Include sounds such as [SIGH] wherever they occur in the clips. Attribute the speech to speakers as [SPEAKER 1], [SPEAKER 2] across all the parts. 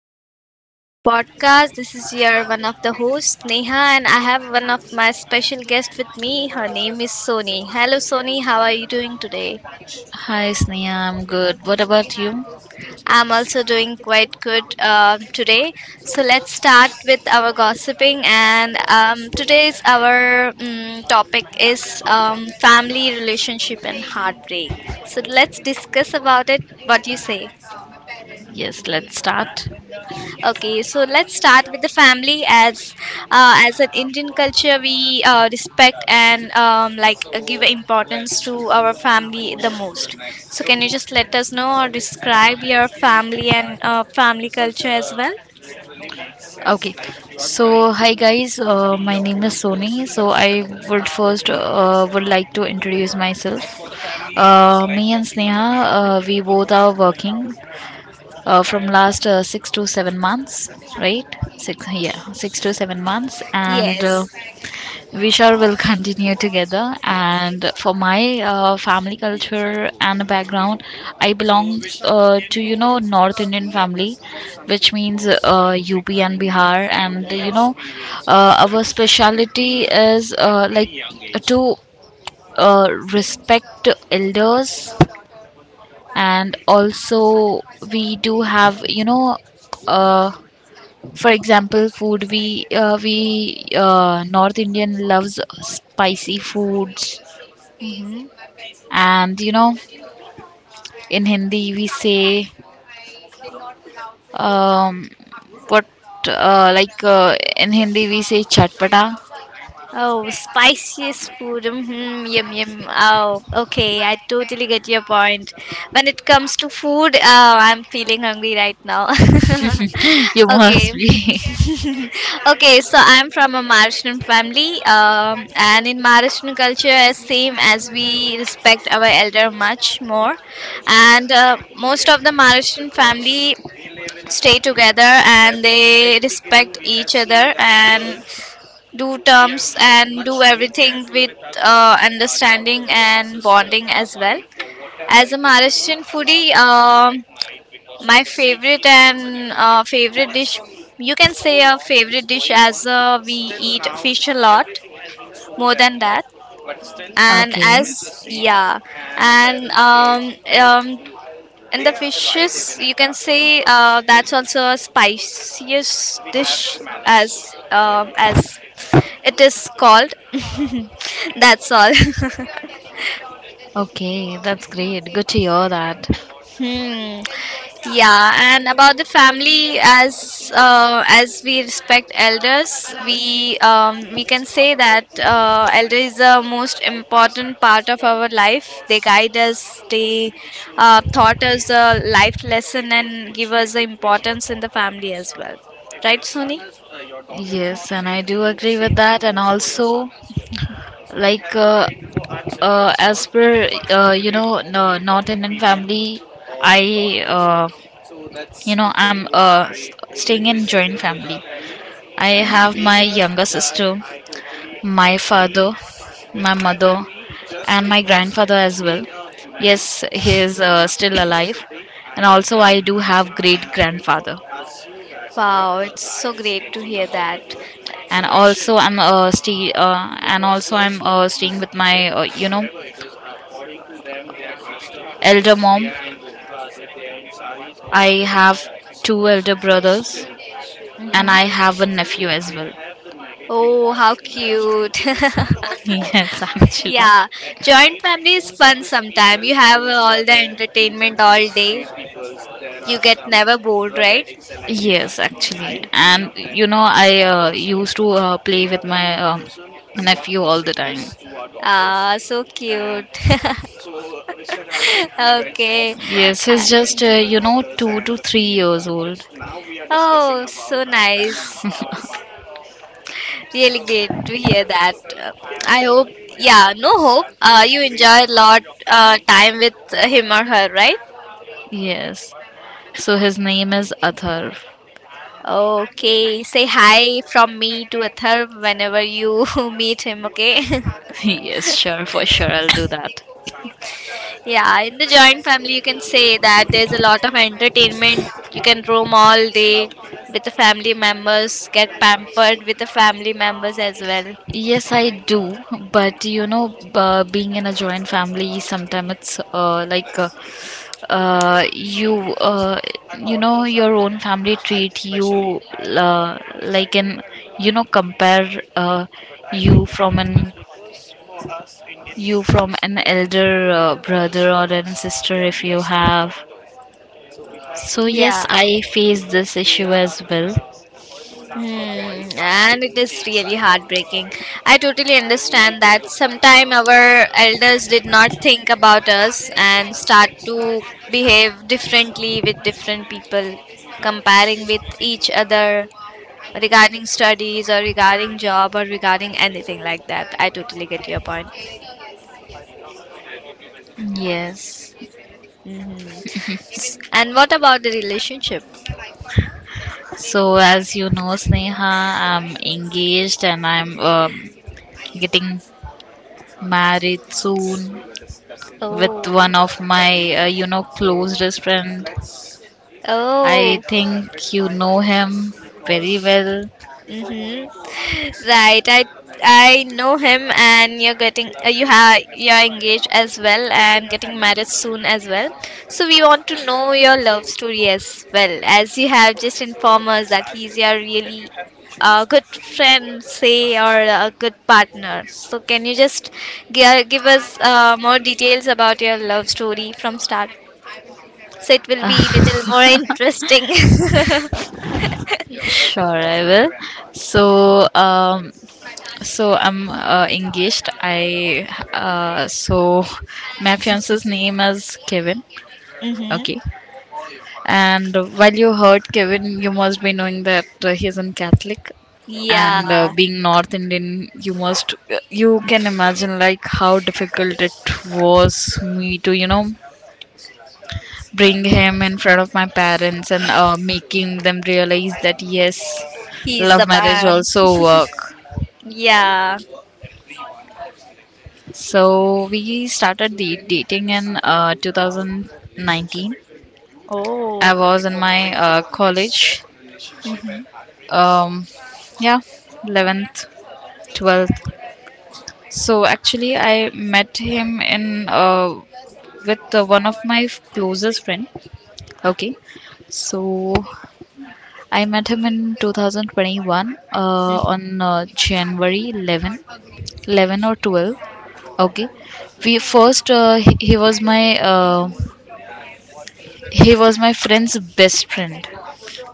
[SPEAKER 1] guys, welcome to our podcast. This is your one of the hosts, Neha, and I have one of my special guests with me. Her name is Sony. Hello, Sony, how are you doing today?
[SPEAKER 2] Hi, Sneha. I'm good. What about you?
[SPEAKER 1] I'm also doing quite good today. So, let's start with our gossiping. And today's our topic is family relationship and heartbreak. So, let's discuss about it. What do you say?
[SPEAKER 2] Yes, let's start.
[SPEAKER 1] Okay, so let's start with the family. As an Indian culture, we respect and like give importance to our family the most. So, can you just let us know or describe your family and family culture as well?
[SPEAKER 2] Okay. So, hi guys. My name is Sony. So, I would first would like to introduce myself. Me and Sneha, we both are working from last 6 to 7 months, right? Yeah, 6 to 7 months, and
[SPEAKER 1] Yes.
[SPEAKER 2] we sure will continue together. And for my family culture and background, I belong to, you know, North Indian family, which means UP and Bihar. And, you know, our speciality is, like, to respect elders.
[SPEAKER 1] I.
[SPEAKER 2] And also, we do have, you know, uh, for example, food. We North Indian loves spicy foods. And, you know, in Hindi we say, um, what like, in Hindi we say chatpata.
[SPEAKER 1] Oh, spiciest food. Mm-hmm, yum yum. Oh, okay. I totally get your point. When it comes to food, oh, I'm feeling hungry right now. [LAUGHS]
[SPEAKER 2] [LAUGHS] You must
[SPEAKER 1] Okay.
[SPEAKER 2] be.
[SPEAKER 1] [LAUGHS] Okay, so I'm from a Maharashtrian family, and in Maharashtrian culture, as same as we respect our elder much more, and most of the Maharashtrian family stay together and they respect each other and do terms and do everything with understanding and bonding as well. As a Maharashtrian foodie, my favorite and favorite dish, you can say a favorite dish as we eat fish a lot, more than that. And as yeah, and um, um, and the fishes, you can say that's also a spiciest dish as it is called. [LAUGHS] That's all. [LAUGHS]
[SPEAKER 2] Okay, that's great. Good to hear that.
[SPEAKER 1] Hmm. Yeah, and about the family, as we respect elders, we can say that elder is the most important part of our life. They guide us. They taught us a life lesson and give us the importance in the family as well.
[SPEAKER 2] Yes, and I do agree with that. And also, like, as per, you know, no, North Indian family. I, uh, I'm staying in joint family. I have my younger sister, my father, my mother, and my grandfather as well. Yes, he is still alive. And also, I do have great grandfather.
[SPEAKER 1] Wow, it's so is great to hear of that.
[SPEAKER 2] And also, I'm staying with my, you know, elder mom. I have two elder brothers, and
[SPEAKER 1] Hmm.
[SPEAKER 2] I have a nephew as well.
[SPEAKER 1] Oh, how
[SPEAKER 2] [LAUGHS]
[SPEAKER 1] cute. [LAUGHS]
[SPEAKER 2] Yes, actually.
[SPEAKER 1] Yeah, joint family is fun to sometime. You have all the entertainment all day. You get some never bored, right?
[SPEAKER 2] Yes, actually. And, you know, I used to play with my nephew all the time.
[SPEAKER 1] Ah, so and cute. And [LAUGHS] okay.
[SPEAKER 2] Yes, he's
[SPEAKER 1] I-
[SPEAKER 2] just, you know, 2 to 3 years old.
[SPEAKER 1] Oh, so nice. Oh, it's
[SPEAKER 2] [LAUGHS]
[SPEAKER 1] really great to hear that. I hope, yeah, no hope. You enjoy a lot time with him or her, right?
[SPEAKER 2] Yes. So, his name is Athar.
[SPEAKER 1] Okay, say hi from me to Athar whenever you [LAUGHS] meet him, okay? [LAUGHS]
[SPEAKER 2] [LAUGHS] Yes, sure, for sure, I'll do that.
[SPEAKER 1] Yeah, in the joint family, you can say that there's a lot of entertainment. You can roam all day with the family members, get pampered with the family members as well.
[SPEAKER 2] Yes, I do, but you know, being in a joint family, sometimes it's, uh, you, uh, you know, your own family treat you, like an, you know, compare, uh, you from an you from an elder brother or an sister if you have. So yes,
[SPEAKER 1] Yeah.
[SPEAKER 2] I face this issue as well.
[SPEAKER 1] Hmm, and it is really heartbreaking. I totally understand that sometime our elders did not think about us and start to behave differently with different people, comparing with each other, regarding studies or regarding job or regarding anything like that. I totally get your point.
[SPEAKER 2] Yes.
[SPEAKER 1] Hmm. And what about the relationship?
[SPEAKER 2] So, as you know, Sneha, I'm engaged and I'm getting married soon with
[SPEAKER 1] Oh,
[SPEAKER 2] one of my, you know, closest friend. I
[SPEAKER 1] oh.
[SPEAKER 2] think you know him very well.
[SPEAKER 1] Mm-hmm. Right. I know him, and you're engaged as well, and getting married soon as well. So we want to know your love story as well, as you have just informed us that he's your really good friend, say, or a good partner. So can you just give us more details about your love story from start? So it will be little
[SPEAKER 2] [LAUGHS]
[SPEAKER 1] more interesting. [LAUGHS]
[SPEAKER 2] Sure, I will. So, so I'm engaged. I So, my fiance's name is Kevin.
[SPEAKER 1] Mm-hmm.
[SPEAKER 2] Okay. And while you heard Kevin, you must be knowing that he is a Catholic. And
[SPEAKER 1] Yeah.
[SPEAKER 2] being North Indian, you must, you can imagine like how difficult it was me to, you know, bring him in front of my parents and making them realize that yes,
[SPEAKER 1] He's
[SPEAKER 2] love
[SPEAKER 1] the
[SPEAKER 2] marriage
[SPEAKER 1] man.
[SPEAKER 2] also work.
[SPEAKER 1] Yeah.
[SPEAKER 2] So, we started the dating in 2019.
[SPEAKER 1] Oh.
[SPEAKER 2] I was in my college.
[SPEAKER 1] Mhm. Mhm.
[SPEAKER 2] Um, yeah, 11th, 12th. So actually, I met him in with one of my closest friend. Okay, so I met him in 2021 on January 11, 11 or 12. Okay, we first he was my friend's best friend.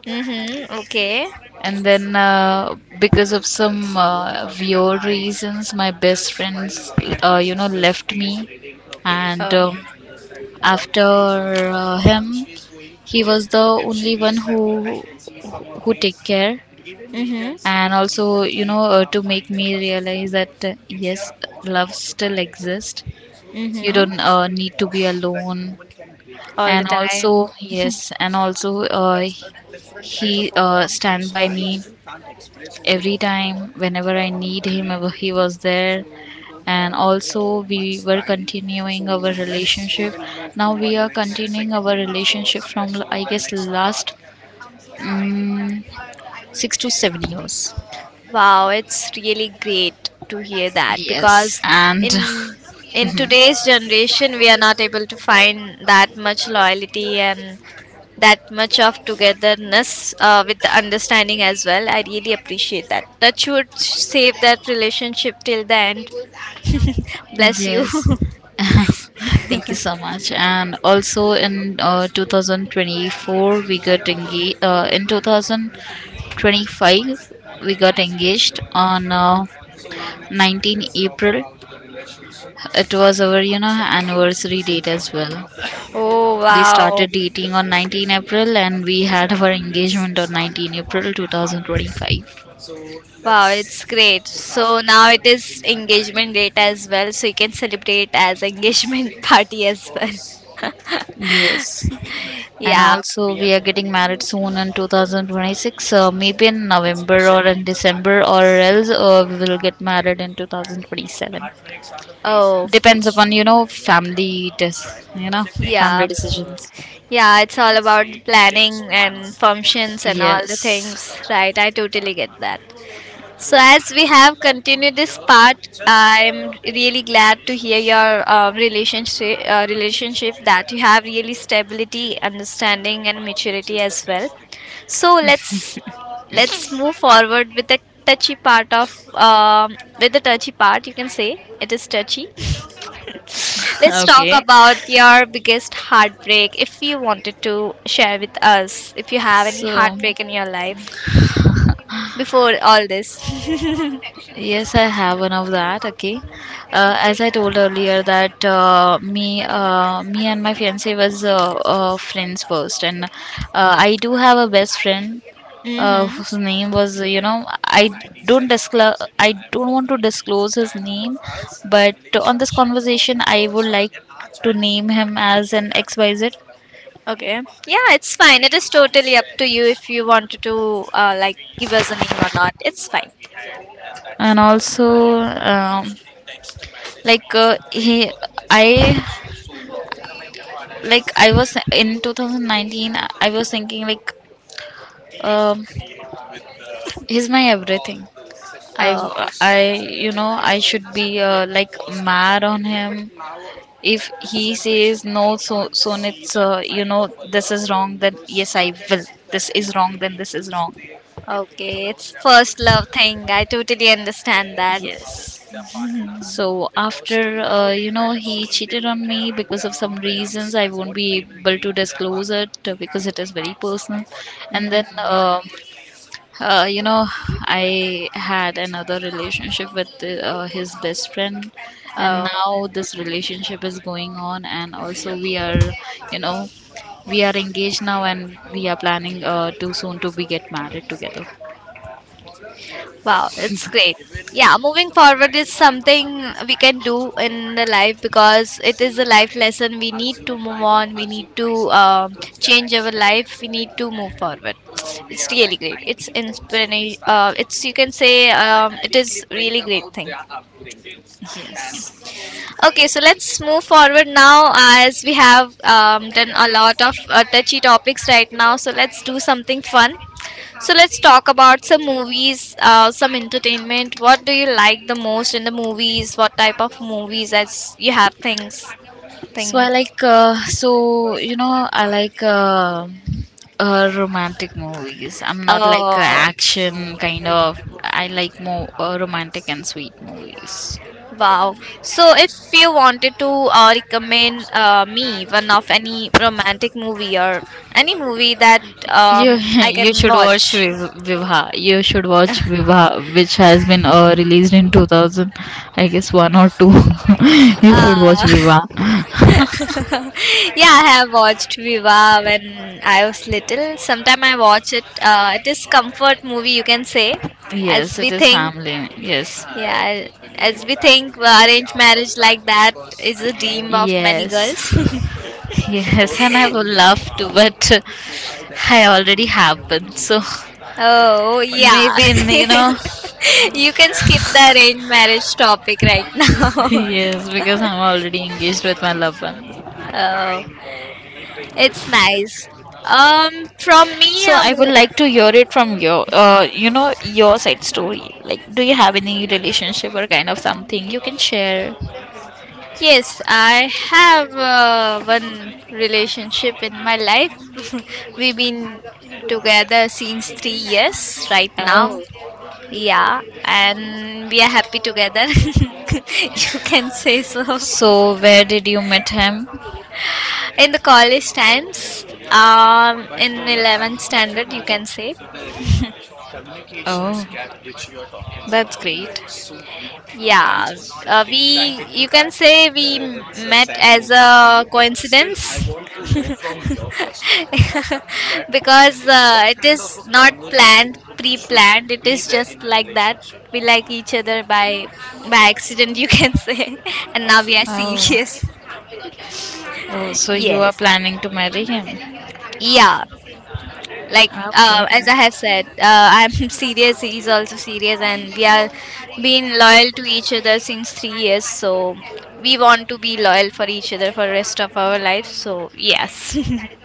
[SPEAKER 1] Mm-hmm. Okay.
[SPEAKER 2] And then, because of some weird reasons, my best friends, you know, left me. And after him, he was the only one who take care. And also, you know, to make me realize that yes, love still exists.
[SPEAKER 1] So
[SPEAKER 2] You
[SPEAKER 1] it's
[SPEAKER 2] don't need to be alone.
[SPEAKER 1] all the
[SPEAKER 2] And
[SPEAKER 1] between
[SPEAKER 2] also,
[SPEAKER 1] time.
[SPEAKER 2] yes, he stand by me every time whenever I need him, ever he was there. And also, we were continuing our relationship now we are continuing our relationship from, I guess, last mm 6 to 7 years.
[SPEAKER 1] Wow, it's really great to hear that
[SPEAKER 2] Yes.
[SPEAKER 1] because
[SPEAKER 2] And
[SPEAKER 1] in
[SPEAKER 2] [LAUGHS]
[SPEAKER 1] in
[SPEAKER 2] mhm.
[SPEAKER 1] today's generation we are not able to find that much loyalty and that much of togetherness with the understanding as well. I really appreciate that. That should save that relationship till the end. [LAUGHS] Bless you. [LAUGHS]
[SPEAKER 2] Yes. [LAUGHS] Thank you so much. And also, in 2024, we got engaged. In 2025, we got engaged on 19 April. It was our, you know, anniversary date as well.
[SPEAKER 1] Oh
[SPEAKER 2] We
[SPEAKER 1] wow.
[SPEAKER 2] started dating on 19 April, and we had our engagement on 19 April 2025.
[SPEAKER 1] Wow, it's great. So now it is engagement date as well, so you can celebrate as engagement [LAUGHS] party as well. [LAUGHS]
[SPEAKER 2] Yes. And
[SPEAKER 1] Yeah.
[SPEAKER 2] also, we are getting married soon in 2026, maybe in November or in December, or else we will get married in 2027.
[SPEAKER 1] Oh.
[SPEAKER 2] Depends upon, you know, family you know,
[SPEAKER 1] Yeah.
[SPEAKER 2] family decisions.
[SPEAKER 1] Yeah, it's all about the planning and functions and all the
[SPEAKER 2] Yes.
[SPEAKER 1] things, right? I totally get that. So, as we have continued this part, I'm really glad to hear your relationship that you have really stability, understanding, and maturity as well. So let's move forward with the touchy part of with the touchy part. You can say it is touchy. [LAUGHS]
[SPEAKER 2] [LAUGHS]
[SPEAKER 1] Let's talk
[SPEAKER 2] Okay.
[SPEAKER 1] about your biggest heartbreak, if you wanted to share with us, if you have any
[SPEAKER 2] So
[SPEAKER 1] heartbreak in your life before all this. [LAUGHS]
[SPEAKER 2] Yes, I have one of that. Okay, as I told earlier that me and my fiance was friends first, and I do have a best friend,
[SPEAKER 1] Mm-hmm.
[SPEAKER 2] whose name was, you know, I don't want to disclose his name. But on this conversation, I would like to name him as an XYZ.
[SPEAKER 1] Okay. Yeah, it's fine. It is totally up to you if you wanted to like give us a name or not. It's fine.
[SPEAKER 2] And also, like, he I like, I was in 2019, I was thinking, like, um, he's my everything. I i you know, I should be, like, mad on him. If he says no, so it's, you know, this is wrong. Then yes, I will. This is wrong. Then this is wrong.
[SPEAKER 1] Okay. It's first love thing. I totally understand that.
[SPEAKER 2] Yes. So, after you know, he cheated on me because of some reasons I won't be able to disclose it, because it is very personal. And then
[SPEAKER 1] Mhm.
[SPEAKER 2] you know, I had another relationship with his best friend. And now this relationship is going on. And also, you know, we are engaged now. And we are planning to soon to be get married together.
[SPEAKER 1] Wow, it's great. Yeah, moving forward is something we can do in the life because it is a life lesson. We need to move on. We need to change our life. We need to move forward. It's really great. It's inspiration. It's you can say it is really great thing.
[SPEAKER 2] Yes.
[SPEAKER 1] Okay, so let's move forward now as we have done a lot of touchy topics right now. So let's do something fun. So let's talk about some movies, some entertainment. What do you like the most in the movies? What type of movies as you have things
[SPEAKER 2] So,
[SPEAKER 1] thing?
[SPEAKER 2] I like, romantic movies. I'm not like
[SPEAKER 1] Oh,
[SPEAKER 2] action kind of. I like more romantic and sweet movies.
[SPEAKER 1] wow. So if you wanted to recommend me one of any romantic movie or any movie that
[SPEAKER 2] You [LAUGHS]
[SPEAKER 1] I
[SPEAKER 2] you
[SPEAKER 1] can
[SPEAKER 2] should watch
[SPEAKER 1] watch.
[SPEAKER 2] Vivha. You should watch Vivha, which has been released in 2000, I guess one or two. [LAUGHS] You should watch
[SPEAKER 1] Ah. [LAUGHS]
[SPEAKER 2] Vivha.
[SPEAKER 1] [LAUGHS] Yeah, I have watched Viva when I was little. Sometime I watch it. It is comfort movie, you can say,
[SPEAKER 2] [LAUGHS]
[SPEAKER 1] as
[SPEAKER 2] Yes,
[SPEAKER 1] we
[SPEAKER 2] it is
[SPEAKER 1] think.
[SPEAKER 2] family. Yes,
[SPEAKER 1] Yeah, as we think, arranged marriage like that is a dream of many
[SPEAKER 2] yes.
[SPEAKER 1] girls.
[SPEAKER 2] Yes, and I would love to, but I already have one. So,
[SPEAKER 1] [LAUGHS] Oh yeah,
[SPEAKER 2] maybe in, you know,
[SPEAKER 1] [LAUGHS] you can skip the arranged marriage topic right
[SPEAKER 2] [LAUGHS]
[SPEAKER 1] now.
[SPEAKER 2] yes, because I'm already engaged with my loved one.
[SPEAKER 1] [LAUGHS] Oh, it's nice. Um, from me,
[SPEAKER 2] So,
[SPEAKER 1] a
[SPEAKER 2] I would
[SPEAKER 1] mo-
[SPEAKER 2] like to hear it from your, your side story. Like, do you have any relationship or kind of something you can share?
[SPEAKER 1] Yes, I have one relationship in my life. [LAUGHS] We've been together since 3 years right now.
[SPEAKER 2] Oh.
[SPEAKER 1] Yeah, and we are happy together. [LAUGHS] You can say so.
[SPEAKER 2] So, where did you meet him?
[SPEAKER 1] In the college times, in 11th standard, you can say.
[SPEAKER 2] Oh, that's great.
[SPEAKER 1] Yeah, we you can say we met as a coincidence. [LAUGHS] Because it is not planned pre-planned, it is just like that we like each other by accident, you can [LAUGHS] say. And now we are
[SPEAKER 2] Oh.
[SPEAKER 1] serious.
[SPEAKER 2] Oh, so you are
[SPEAKER 1] Yes,
[SPEAKER 2] planning to marry him?
[SPEAKER 1] yeah, like as
[SPEAKER 2] Okay.
[SPEAKER 1] I have said, I'm [LAUGHS] serious, he's also serious, and we are being loyal to each other since 3 years, so we want to be loyal for each other for rest of our life, so yes,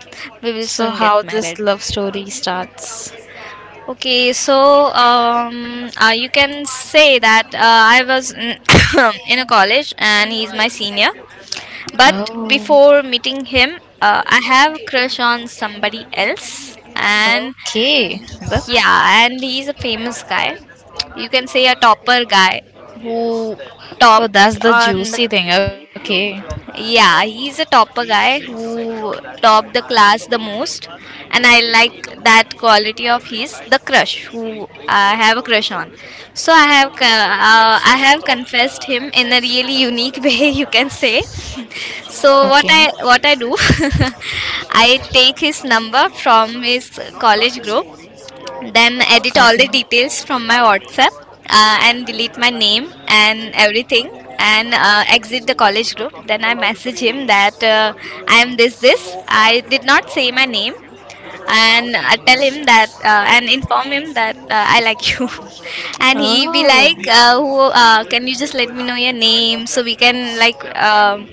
[SPEAKER 1] [LAUGHS] we will
[SPEAKER 2] So,
[SPEAKER 1] soon
[SPEAKER 2] how
[SPEAKER 1] get
[SPEAKER 2] this
[SPEAKER 1] married.
[SPEAKER 2] love story starts?
[SPEAKER 1] Okay, so you can say that I was in, [COUGHS] in a college and he's my senior. But
[SPEAKER 2] Oh,
[SPEAKER 1] before meeting him, I have a crush on somebody else, and
[SPEAKER 2] okay. That's
[SPEAKER 1] yeah, and he's a famous guy. You can say a topper guy who
[SPEAKER 2] Oh,
[SPEAKER 1] topped
[SPEAKER 2] that's the
[SPEAKER 1] on the,
[SPEAKER 2] juicy thing. Okay.
[SPEAKER 1] yeah, he's a topper guy who topped the class the most, and I like that quality of his. The crush, who I have a crush on, so I have confessed him in a really unique [LAUGHS] way, you can say. So what I do, [LAUGHS] I take his number from his college group, then edit all the details from my whatsapp, and delete my name and everything, and exit the college group, then I message him that I am this this, I did not say my name, and I tell him that and inform him that I like you, [LAUGHS] and he be like, "Who
[SPEAKER 2] Oh.
[SPEAKER 1] can you just let me know your name so we can like um,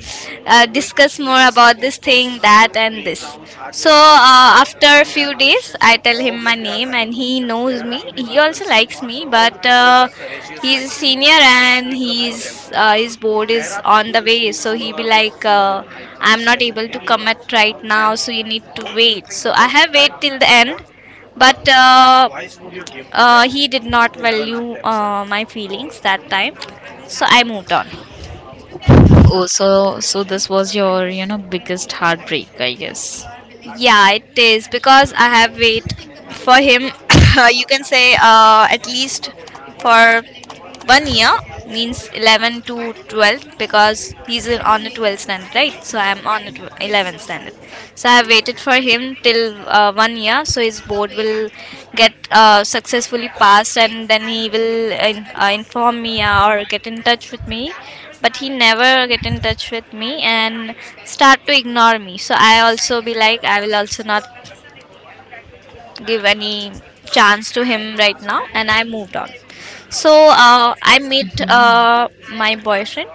[SPEAKER 1] discuss more about this thing, that, and this." So after a few days, I tell him my name, and he knows me. He also likes me, but he's a senior, and he's his board is on the way. So he be like, I'm not able to commit right now, so you need to wait. So I have wait till the end, but he did not value my feelings that time, so I moved on.
[SPEAKER 2] Oh, so this was your, you know, biggest heartbreak, I guess.
[SPEAKER 1] Yeah, it is because I have waited for him. [COUGHS] You can say at least for one year, means 11 to 12 because he's on the 12th standard, right? So I'm on the 11th standard. So I've waited for him till one year, so his board will get successfully passed, and then he will inform me or get in touch with me. But he never get in touch with me and start to ignore me. So I also be like, I will also not give any chance to him right now and I moved on. So I met my boyfriend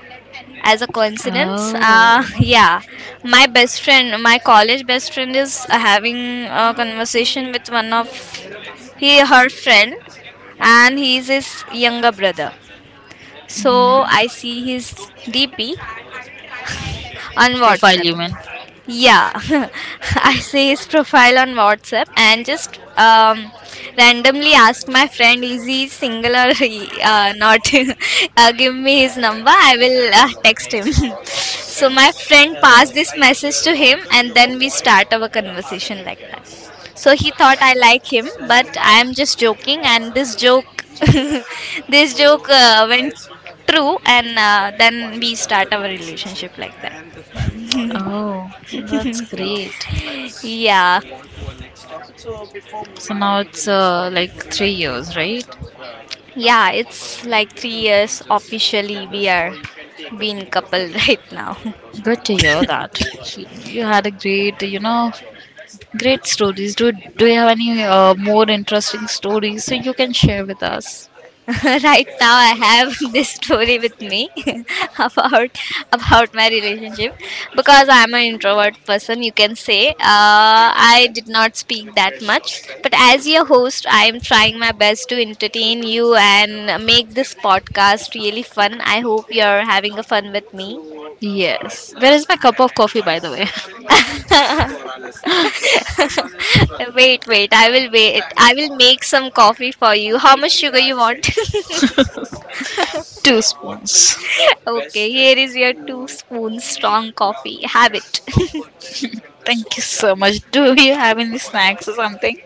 [SPEAKER 1] as a coincidence,
[SPEAKER 2] Oh.
[SPEAKER 1] [LAUGHS] yeah. My college best friend is having a conversation with one of he her friend, and he's his younger brother. So I
[SPEAKER 2] Mhm.
[SPEAKER 1] see his dp on
[SPEAKER 2] Profile
[SPEAKER 1] WhatsApp.
[SPEAKER 2] human.
[SPEAKER 1] Yeah, [LAUGHS] I see his profile on WhatsApp and just randomly ask my friend, is he single or he not? [LAUGHS] Give me his number, I will text him. [LAUGHS] So my friend passed this message to him, and then we start our conversation like that. So he thought I like him, but I am just joking. And this joke, [LAUGHS] this joke went true, and then we start our relationship like that.
[SPEAKER 2] Oh, that's great.
[SPEAKER 1] Yeah.
[SPEAKER 2] So now it's like 3 years, right?
[SPEAKER 1] Yeah, it's like 3 years officially we are being couple right now.
[SPEAKER 2] Good to hear that. You had a great stories. Do you have any more interesting stories so you can share with us?
[SPEAKER 1] [LAUGHS] Right now I have [LAUGHS] this story with me [LAUGHS] about about my relationship, because I'm an introvert person, you can say. I did not speak that much, but as your host, I am trying my best to entertain you and make this podcast really fun. I hope you're having a fun with me.
[SPEAKER 2] Yes. Where is my cup of coffee, by the way? [LAUGHS]
[SPEAKER 1] [LAUGHS] [LAUGHS] Wait, wait. I will wait. I will make some coffee for you. How much sugar you want?
[SPEAKER 2] Two spoons. [LAUGHS] What is
[SPEAKER 1] [LAUGHS]
[SPEAKER 2] the best
[SPEAKER 1] Okay,
[SPEAKER 2] step
[SPEAKER 1] here is
[SPEAKER 2] to
[SPEAKER 1] your two spoons
[SPEAKER 2] make
[SPEAKER 1] strong coffee.
[SPEAKER 2] normally you
[SPEAKER 1] Have
[SPEAKER 2] can
[SPEAKER 1] it.
[SPEAKER 2] comfort? [LAUGHS] Thank you so much. Do you have any snacks or something?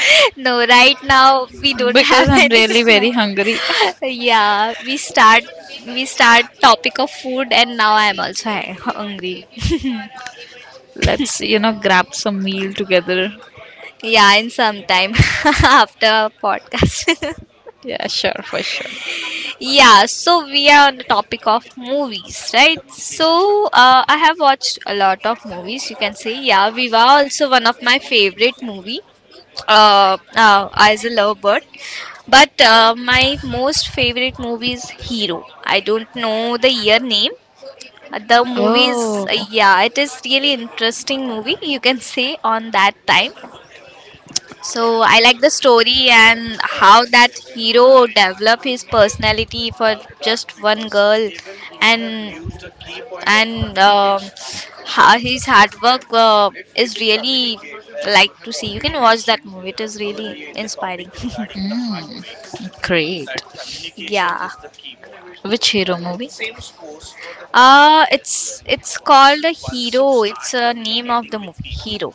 [SPEAKER 1] [LAUGHS] No, right now we don't have
[SPEAKER 2] Because
[SPEAKER 1] [LAUGHS]
[SPEAKER 2] I'm
[SPEAKER 1] any
[SPEAKER 2] really
[SPEAKER 1] snack.
[SPEAKER 2] very hungry.
[SPEAKER 1] Yeah, we start topic of food, and now I am also hu- hungry.
[SPEAKER 2] [LAUGHS] Let's, you know, grab some meal together.
[SPEAKER 1] [LAUGHS] Yeah, in some time [LAUGHS] after podcast.
[SPEAKER 2] Yeah, sure, for sure.
[SPEAKER 1] Yeah, so we are on the topic of movies, right? So I have watched a lot of movies. You can say, yeah, Viva also one of my favorite movie. As a lovebird, but my most favorite movie is Hero. I don't know the year name. The movie is,
[SPEAKER 2] Oh,
[SPEAKER 1] yeah, it is really interesting movie. You can say on that time. So I like the story and how that hero developed his personality for just one girl, and and um, ho- his hard work is really like to see. You can watch that movie; it is really inspiring.
[SPEAKER 2] great.
[SPEAKER 1] [LAUGHS] Yeah.
[SPEAKER 2] Which hero movie?
[SPEAKER 1] It's called a hero. It's a name of the movie, hero.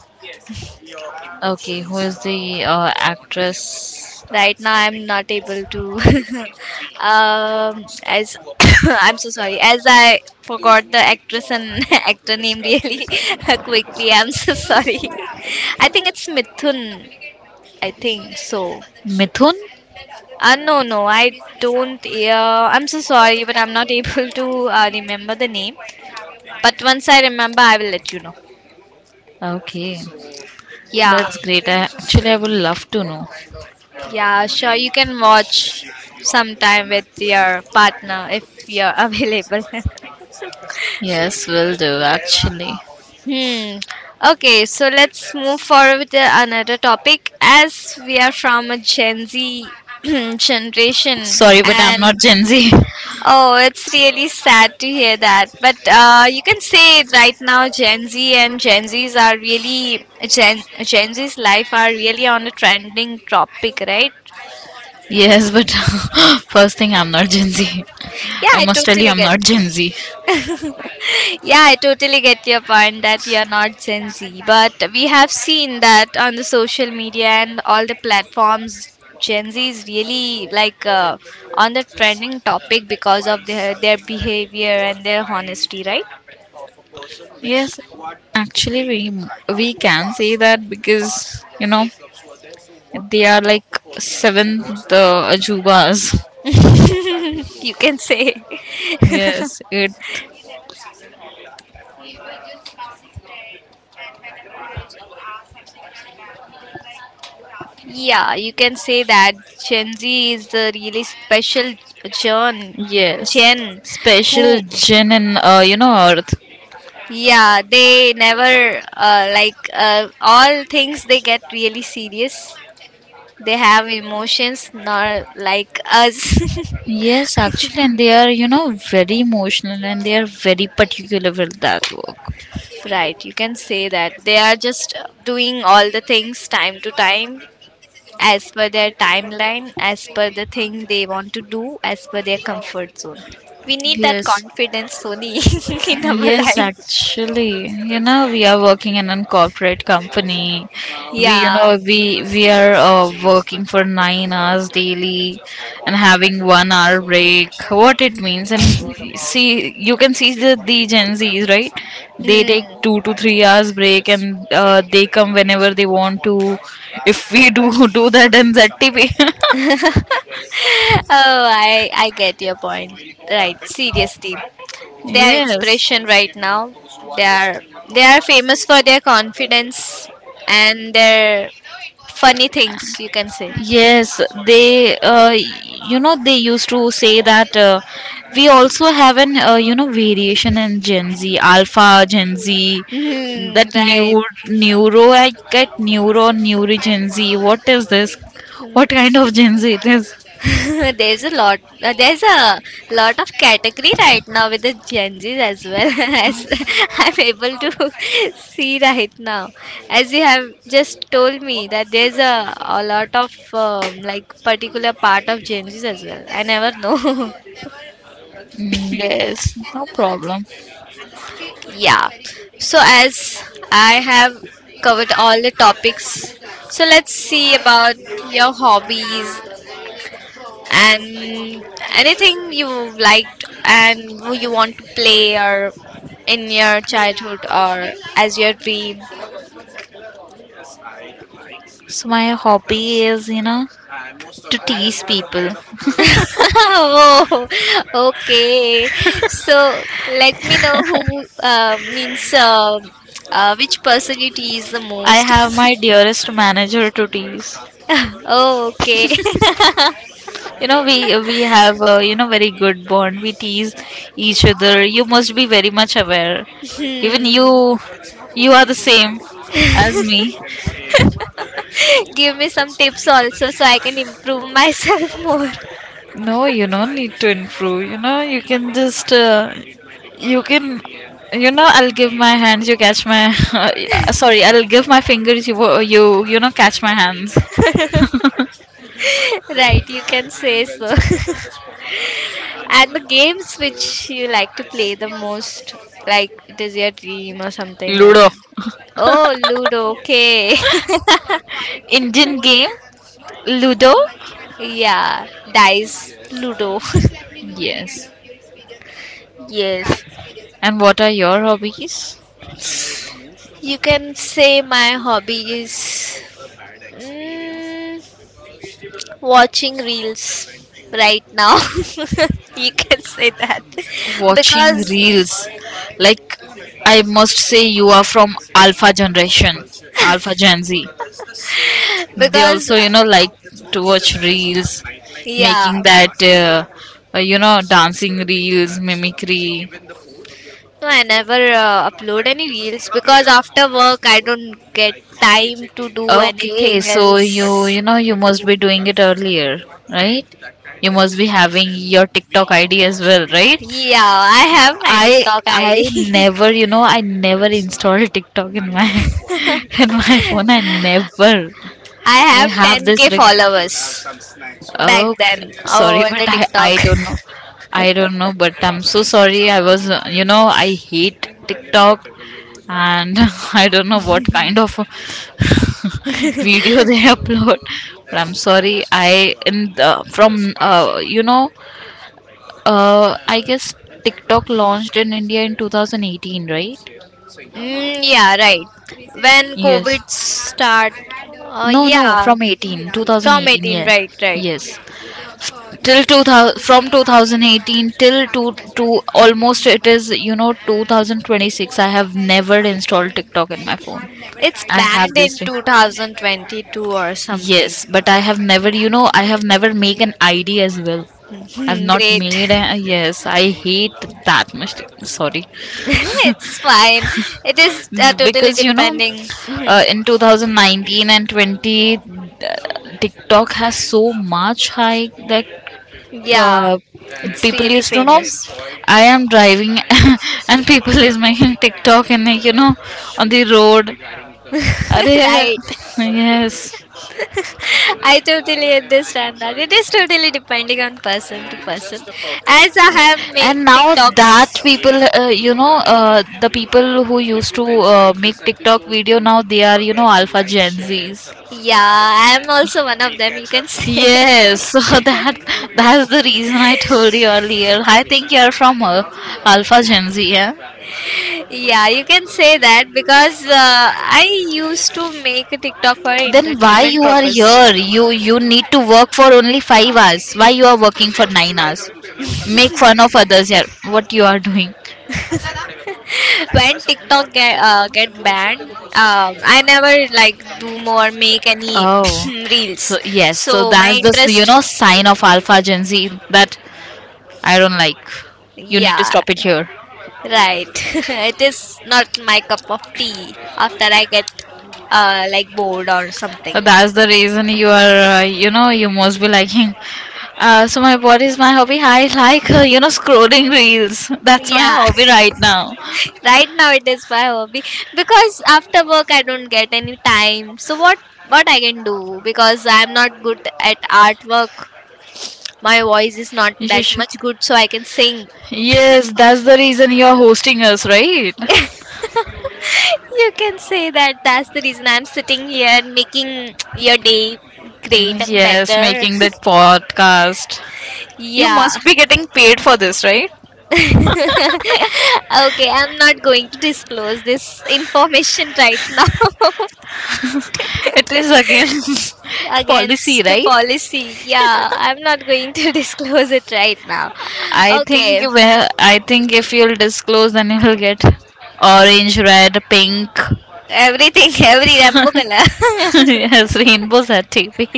[SPEAKER 2] The bond, everything.
[SPEAKER 1] Right now I'm not able to [LAUGHS] as [COUGHS] I'm so sorry, as I forgot the actress and [LAUGHS] actor name really [LAUGHS] quickly. I'm so sorry. [LAUGHS] I think it's Mithun, I think so.
[SPEAKER 2] Mithun?
[SPEAKER 1] No, no, I don't. I'm so sorry, but I'm not [LAUGHS] able to remember the name. But once I remember, I will let you know.
[SPEAKER 2] Okay. So,
[SPEAKER 1] Yeah.
[SPEAKER 2] that's great. I, actually, I would love to know. So,
[SPEAKER 1] Yeah, sure, you can watch sometime with your partner if you're [LAUGHS] available.
[SPEAKER 2] yes, will do, actually.
[SPEAKER 1] Hmm. Okay, so let's move forward with the another topic. As we are from a Gen Z [CLEARS THROAT] generation,
[SPEAKER 2] Sorry, but I'm
[SPEAKER 1] and
[SPEAKER 2] not Gen Z. [LAUGHS]
[SPEAKER 1] oh, it's really sad to hear that. But you can say it right now, Gen Z and Gen Zs are really Gen Z's life are really on a trending topic, right?
[SPEAKER 2] Yes, but [LAUGHS] first thing, I'm not Gen Z.
[SPEAKER 1] Yeah,
[SPEAKER 2] I
[SPEAKER 1] I
[SPEAKER 2] must tell you,
[SPEAKER 1] totally
[SPEAKER 2] I'm
[SPEAKER 1] get.
[SPEAKER 2] not Gen Z.
[SPEAKER 1] [LAUGHS] Yeah, I totally get your point that you're not Gen Z, but we have seen that on the social media and all the platforms. Gen Z is really like, on the trending topic because of their behavior and their honesty, right?
[SPEAKER 2] Yes, actually, we can say that because, you know, they are like seventh Ajubas.
[SPEAKER 1] [LAUGHS] You can say.
[SPEAKER 2] Yes, it.
[SPEAKER 1] Yeah, you can say that Gen Z is a really special gen,
[SPEAKER 2] Yes,
[SPEAKER 1] gen
[SPEAKER 2] special
[SPEAKER 1] who.
[SPEAKER 2] Gen. And you know, Earth.
[SPEAKER 1] Yeah, they never like all things they get really serious. They have emotions, not like us.
[SPEAKER 2] Yes, actually, and they are, you know, very emotional, and they are very particular with that work.
[SPEAKER 1] [LAUGHS] Right, you can say that. They are just doing all the things time to time, as per their timeline, as per the thing they want to do, as per their comfort zone. We need that
[SPEAKER 2] Yes.
[SPEAKER 1] confidence, Sony, [LAUGHS] in our
[SPEAKER 2] Yes,
[SPEAKER 1] life.
[SPEAKER 2] actually, you know, we are working in a corporate company. We,
[SPEAKER 1] Yeah.
[SPEAKER 2] you know, we are working for 9 hours daily and having 1 hour break. What it means? And see, you can see the Gen Zs, right? They take
[SPEAKER 1] Mm.
[SPEAKER 2] 2 to 3 hours break, and they come whenever they want to. If we do [LAUGHS] do that in ZTP. [LAUGHS]
[SPEAKER 1] Oh, I get your point. Right, seriously. They are
[SPEAKER 2] Yes.
[SPEAKER 1] inspiration right now. They are they are famous for their confidence and their funny things, you can say. [LAUGHS]
[SPEAKER 2] Yes, they, uh, they used to say that we also have an, you know, variation in Gen Z, Alpha Gen Z,
[SPEAKER 1] Mhm,
[SPEAKER 2] that
[SPEAKER 1] right.
[SPEAKER 2] new neuro, I get neuro, neuro Gen Z. What is this? What kind of Gen Z it is?
[SPEAKER 1] [LAUGHS] There's a lot of category right now with the Gen Z's as well, [LAUGHS] as I'm able to [LAUGHS] see right now. As you have just told me that there's a lot of, like, particular part of Gen Z's as well, I never know.
[SPEAKER 2] Yes, no problem.
[SPEAKER 1] [LAUGHS] Yeah. So as I have covered all the topics, so let's see about your hobbies and anything you liked and who you want to play or in your childhood or as your dream.
[SPEAKER 2] So, my hobby is, you know, to tease people.
[SPEAKER 1] [LAUGHS] Oh, okay. So let me know who means which personality is the
[SPEAKER 2] I
[SPEAKER 1] most.
[SPEAKER 2] have my dearest manager to tease.
[SPEAKER 1] [LAUGHS] Oh, okay. [LAUGHS]
[SPEAKER 2] You know, we have a, you know, very good bond. We tease each other. You must be very much aware. Even
[SPEAKER 1] Hmm.
[SPEAKER 2] you are the same as me.
[SPEAKER 1] Give me some tips also so I can improve myself [LAUGHS] more.
[SPEAKER 2] No, you don't need to improve. You know, you can just, you can you know, I'll give my hands, you catch my [LAUGHS] sorry, I'll give my fingers, you know, catch my hands. [LAUGHS]
[SPEAKER 1] Right, you can say so. [LAUGHS] And the games which you like to play the most, like it is your dream or something like
[SPEAKER 2] Ludo.
[SPEAKER 1] that. Oh, Ludo, okay.
[SPEAKER 2] Indian game. Ludo.
[SPEAKER 1] [LAUGHS] Yeah, dice, Ludo.
[SPEAKER 2] Yes.
[SPEAKER 1] [LAUGHS] Yes.
[SPEAKER 2] And what are your hobbies?
[SPEAKER 1] You can say my hobby is, mm, watching reels right now. [LAUGHS] You can say that [LAUGHS]
[SPEAKER 2] Watching
[SPEAKER 1] because
[SPEAKER 2] reels. Like, I must say, you are from Alpha generation, Alpha Gen Z. They
[SPEAKER 1] because
[SPEAKER 2] also, you know, like to watch reels,
[SPEAKER 1] yeah.
[SPEAKER 2] making that, you know, dancing reels, mimicry.
[SPEAKER 1] No, I never upload any reels because after work I don't get time to do
[SPEAKER 2] Okay,
[SPEAKER 1] anything
[SPEAKER 2] so
[SPEAKER 1] else.
[SPEAKER 2] you know, you must be doing it earlier, right? You must be having your TikTok ID as well, right?
[SPEAKER 1] Yeah, I have my
[SPEAKER 2] I
[SPEAKER 1] TikTok
[SPEAKER 2] I
[SPEAKER 1] ID. [LAUGHS]
[SPEAKER 2] never, you know, I never installed [LAUGHS] TikTok in my [LAUGHS] in my phone. I never.
[SPEAKER 1] I
[SPEAKER 2] I
[SPEAKER 1] have
[SPEAKER 2] have this.
[SPEAKER 1] 10k followers back
[SPEAKER 2] Oh,
[SPEAKER 1] then
[SPEAKER 2] sorry,
[SPEAKER 1] over
[SPEAKER 2] [LAUGHS] but
[SPEAKER 1] the
[SPEAKER 2] I,
[SPEAKER 1] TikTok.
[SPEAKER 2] I
[SPEAKER 1] [LAUGHS]
[SPEAKER 2] don't know. I don't know, but I'm so sorry. You know, I hate TikTok. And [LAUGHS] I don't know what kind of [LAUGHS] video they upload. But I'm sorry. I, in the, from, you know, I guess TikTok launched in India in 2018, right?
[SPEAKER 1] Mm, yeah, right. When
[SPEAKER 2] Yes.
[SPEAKER 1] COVID start,
[SPEAKER 2] No, no,
[SPEAKER 1] yeah,
[SPEAKER 2] from 18,
[SPEAKER 1] from
[SPEAKER 2] 2018,
[SPEAKER 1] 18,
[SPEAKER 2] yeah.
[SPEAKER 1] right, right.
[SPEAKER 2] Yes. Till 2000, from 2018 till to almost, it is, you know, 2026. I have never installed TikTok in my phone.
[SPEAKER 1] It's
[SPEAKER 2] I have
[SPEAKER 1] banned
[SPEAKER 2] this
[SPEAKER 1] in
[SPEAKER 2] thing.
[SPEAKER 1] 2022 or something.
[SPEAKER 2] Yes, but I have never, make an ID as well. I've
[SPEAKER 1] [LAUGHS]
[SPEAKER 2] not
[SPEAKER 1] Great.
[SPEAKER 2] made a, Yes, I hate that much. Sorry.
[SPEAKER 1] [LAUGHS] It's fine. It is totally
[SPEAKER 2] Because, you know,
[SPEAKER 1] depending. Mhm.
[SPEAKER 2] in 2019 and 20, TikTok has so much high. Like,
[SPEAKER 1] Yeah,
[SPEAKER 2] uh,
[SPEAKER 1] it's
[SPEAKER 2] people
[SPEAKER 1] really
[SPEAKER 2] used to know.
[SPEAKER 1] famous. [LAUGHS]
[SPEAKER 2] I am driving [LAUGHS] and people is making TikTok and, like, you know, on the road. Arey,
[SPEAKER 1] Right.
[SPEAKER 2] yes.
[SPEAKER 1] [LAUGHS] I totally understand that. It is totally depending on person to person. As I have made
[SPEAKER 2] And now that
[SPEAKER 1] TikToks.
[SPEAKER 2] the people who used to make TikTok video, now they are, you know, alpha Gen Zs.
[SPEAKER 1] Yeah, I'm also one of them, you can say.
[SPEAKER 2] Yes, [LAUGHS] so that's the reason I told you earlier. I think you're from Alpha Gen Z, yeah.
[SPEAKER 1] [LAUGHS] Yeah, you can say that because I used to make a TikTok for
[SPEAKER 2] Then why
[SPEAKER 1] entertainment
[SPEAKER 2] you are
[SPEAKER 1] purpose.
[SPEAKER 2] here? You need to work for only 5 hours. Why you are working for 9 hours? Make fun of others here. What you are doing?
[SPEAKER 1] [LAUGHS] When TikTok get banned, I never like do more make any [LAUGHS] [CLEARS THROAT]
[SPEAKER 2] Oh, so
[SPEAKER 1] reels.
[SPEAKER 2] yes. So
[SPEAKER 1] So my
[SPEAKER 2] that's the, you
[SPEAKER 1] interest,
[SPEAKER 2] know, sign of Alpha Gen Z that I don't like. You need to
[SPEAKER 1] yeah,
[SPEAKER 2] stop it here.
[SPEAKER 1] right. [LAUGHS] It is not my cup of tea. After I get like bored or something.
[SPEAKER 2] So that's the reason you are, you know, you must be liking. So my What is my hobby? I like, you know, scrolling reels. [LAUGHS] That's my
[SPEAKER 1] Yeah,
[SPEAKER 2] hobby right now.
[SPEAKER 1] [LAUGHS] right now it is my hobby, because after work I don't get any time. So what I can do, because I'm not good at artwork. My voice is not
[SPEAKER 2] You
[SPEAKER 1] that
[SPEAKER 2] should.
[SPEAKER 1] much good, so I can sing.
[SPEAKER 2] Yes, that's the reason you're hosting us, right?
[SPEAKER 1] You can say that that's the reason I'm sitting here and making your day great and
[SPEAKER 2] Yes,
[SPEAKER 1] better.
[SPEAKER 2] making that podcast.
[SPEAKER 1] [LAUGHS]
[SPEAKER 2] You
[SPEAKER 1] Yeah.
[SPEAKER 2] must be getting paid for this, right?
[SPEAKER 1] [LAUGHS] Okay, I'm not going to disclose this information right now. [LAUGHS]
[SPEAKER 2] It is against [LAUGHS] policy,
[SPEAKER 1] Against the
[SPEAKER 2] right?
[SPEAKER 1] policy. Yeah, I'm not going to [LAUGHS] disclose it right now. Okay,
[SPEAKER 2] I think if you'll disclose, then you'll get orange, red, pink,
[SPEAKER 1] everything, [LAUGHS] every Rambo color.
[SPEAKER 2] [LAUGHS] yes, rainbows at TV.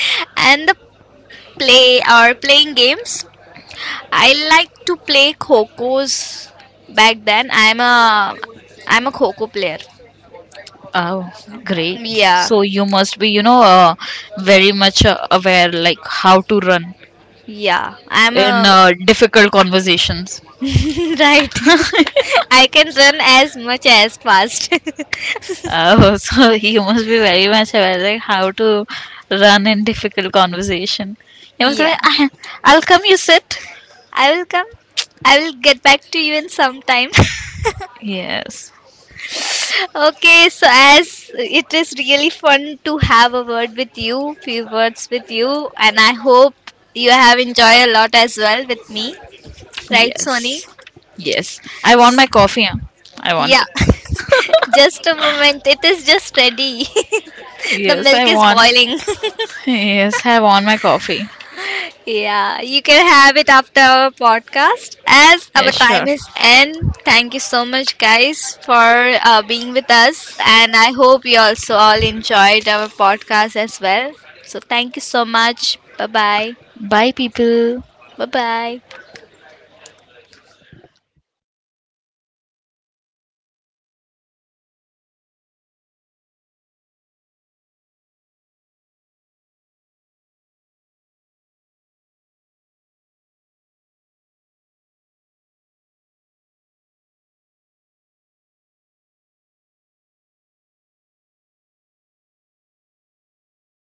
[SPEAKER 1] [LAUGHS] And the play or playing games, I like to play Khokos. Back then, I'm a Khoko player.
[SPEAKER 2] Oh, great!
[SPEAKER 1] Yeah,
[SPEAKER 2] So you must be, you know, very much aware, like how to run
[SPEAKER 1] yeah. I'm
[SPEAKER 2] in
[SPEAKER 1] a
[SPEAKER 2] difficult conversations.
[SPEAKER 1] [LAUGHS] right. [LAUGHS] I can run as much as fast.
[SPEAKER 2] Oh, [LAUGHS] so you must be very much aware, like how to run in difficult conversation. He was
[SPEAKER 1] [LAUGHS]
[SPEAKER 2] like,
[SPEAKER 1] Yeah.
[SPEAKER 2] "Ah, I'll come, you sit."
[SPEAKER 1] I will come. I will get back to you in some time.
[SPEAKER 2] Yes,
[SPEAKER 1] [LAUGHS] Okay, so as it is really fun to have a word with you, few words with you, and I hope you have enjoyed a lot as well with me. Right, Sony?
[SPEAKER 2] yes, yes. I want my coffee. Huh? I want
[SPEAKER 1] Yeah. [LAUGHS]
[SPEAKER 2] it.
[SPEAKER 1] Just a moment, it is just ready. [LAUGHS] The
[SPEAKER 2] Yes, I
[SPEAKER 1] milk is
[SPEAKER 2] want.
[SPEAKER 1] boiling.
[SPEAKER 2] Yes, I want my coffee.
[SPEAKER 1] [LAUGHS] Yeah, you can have it after our podcast as our
[SPEAKER 2] Yes, sure.
[SPEAKER 1] time is end. Thank you so much, guys, for being with us. And I hope you also all enjoyed our podcast as well. So, thank you so much. Bye bye.
[SPEAKER 2] Bye, people.
[SPEAKER 1] Bye bye.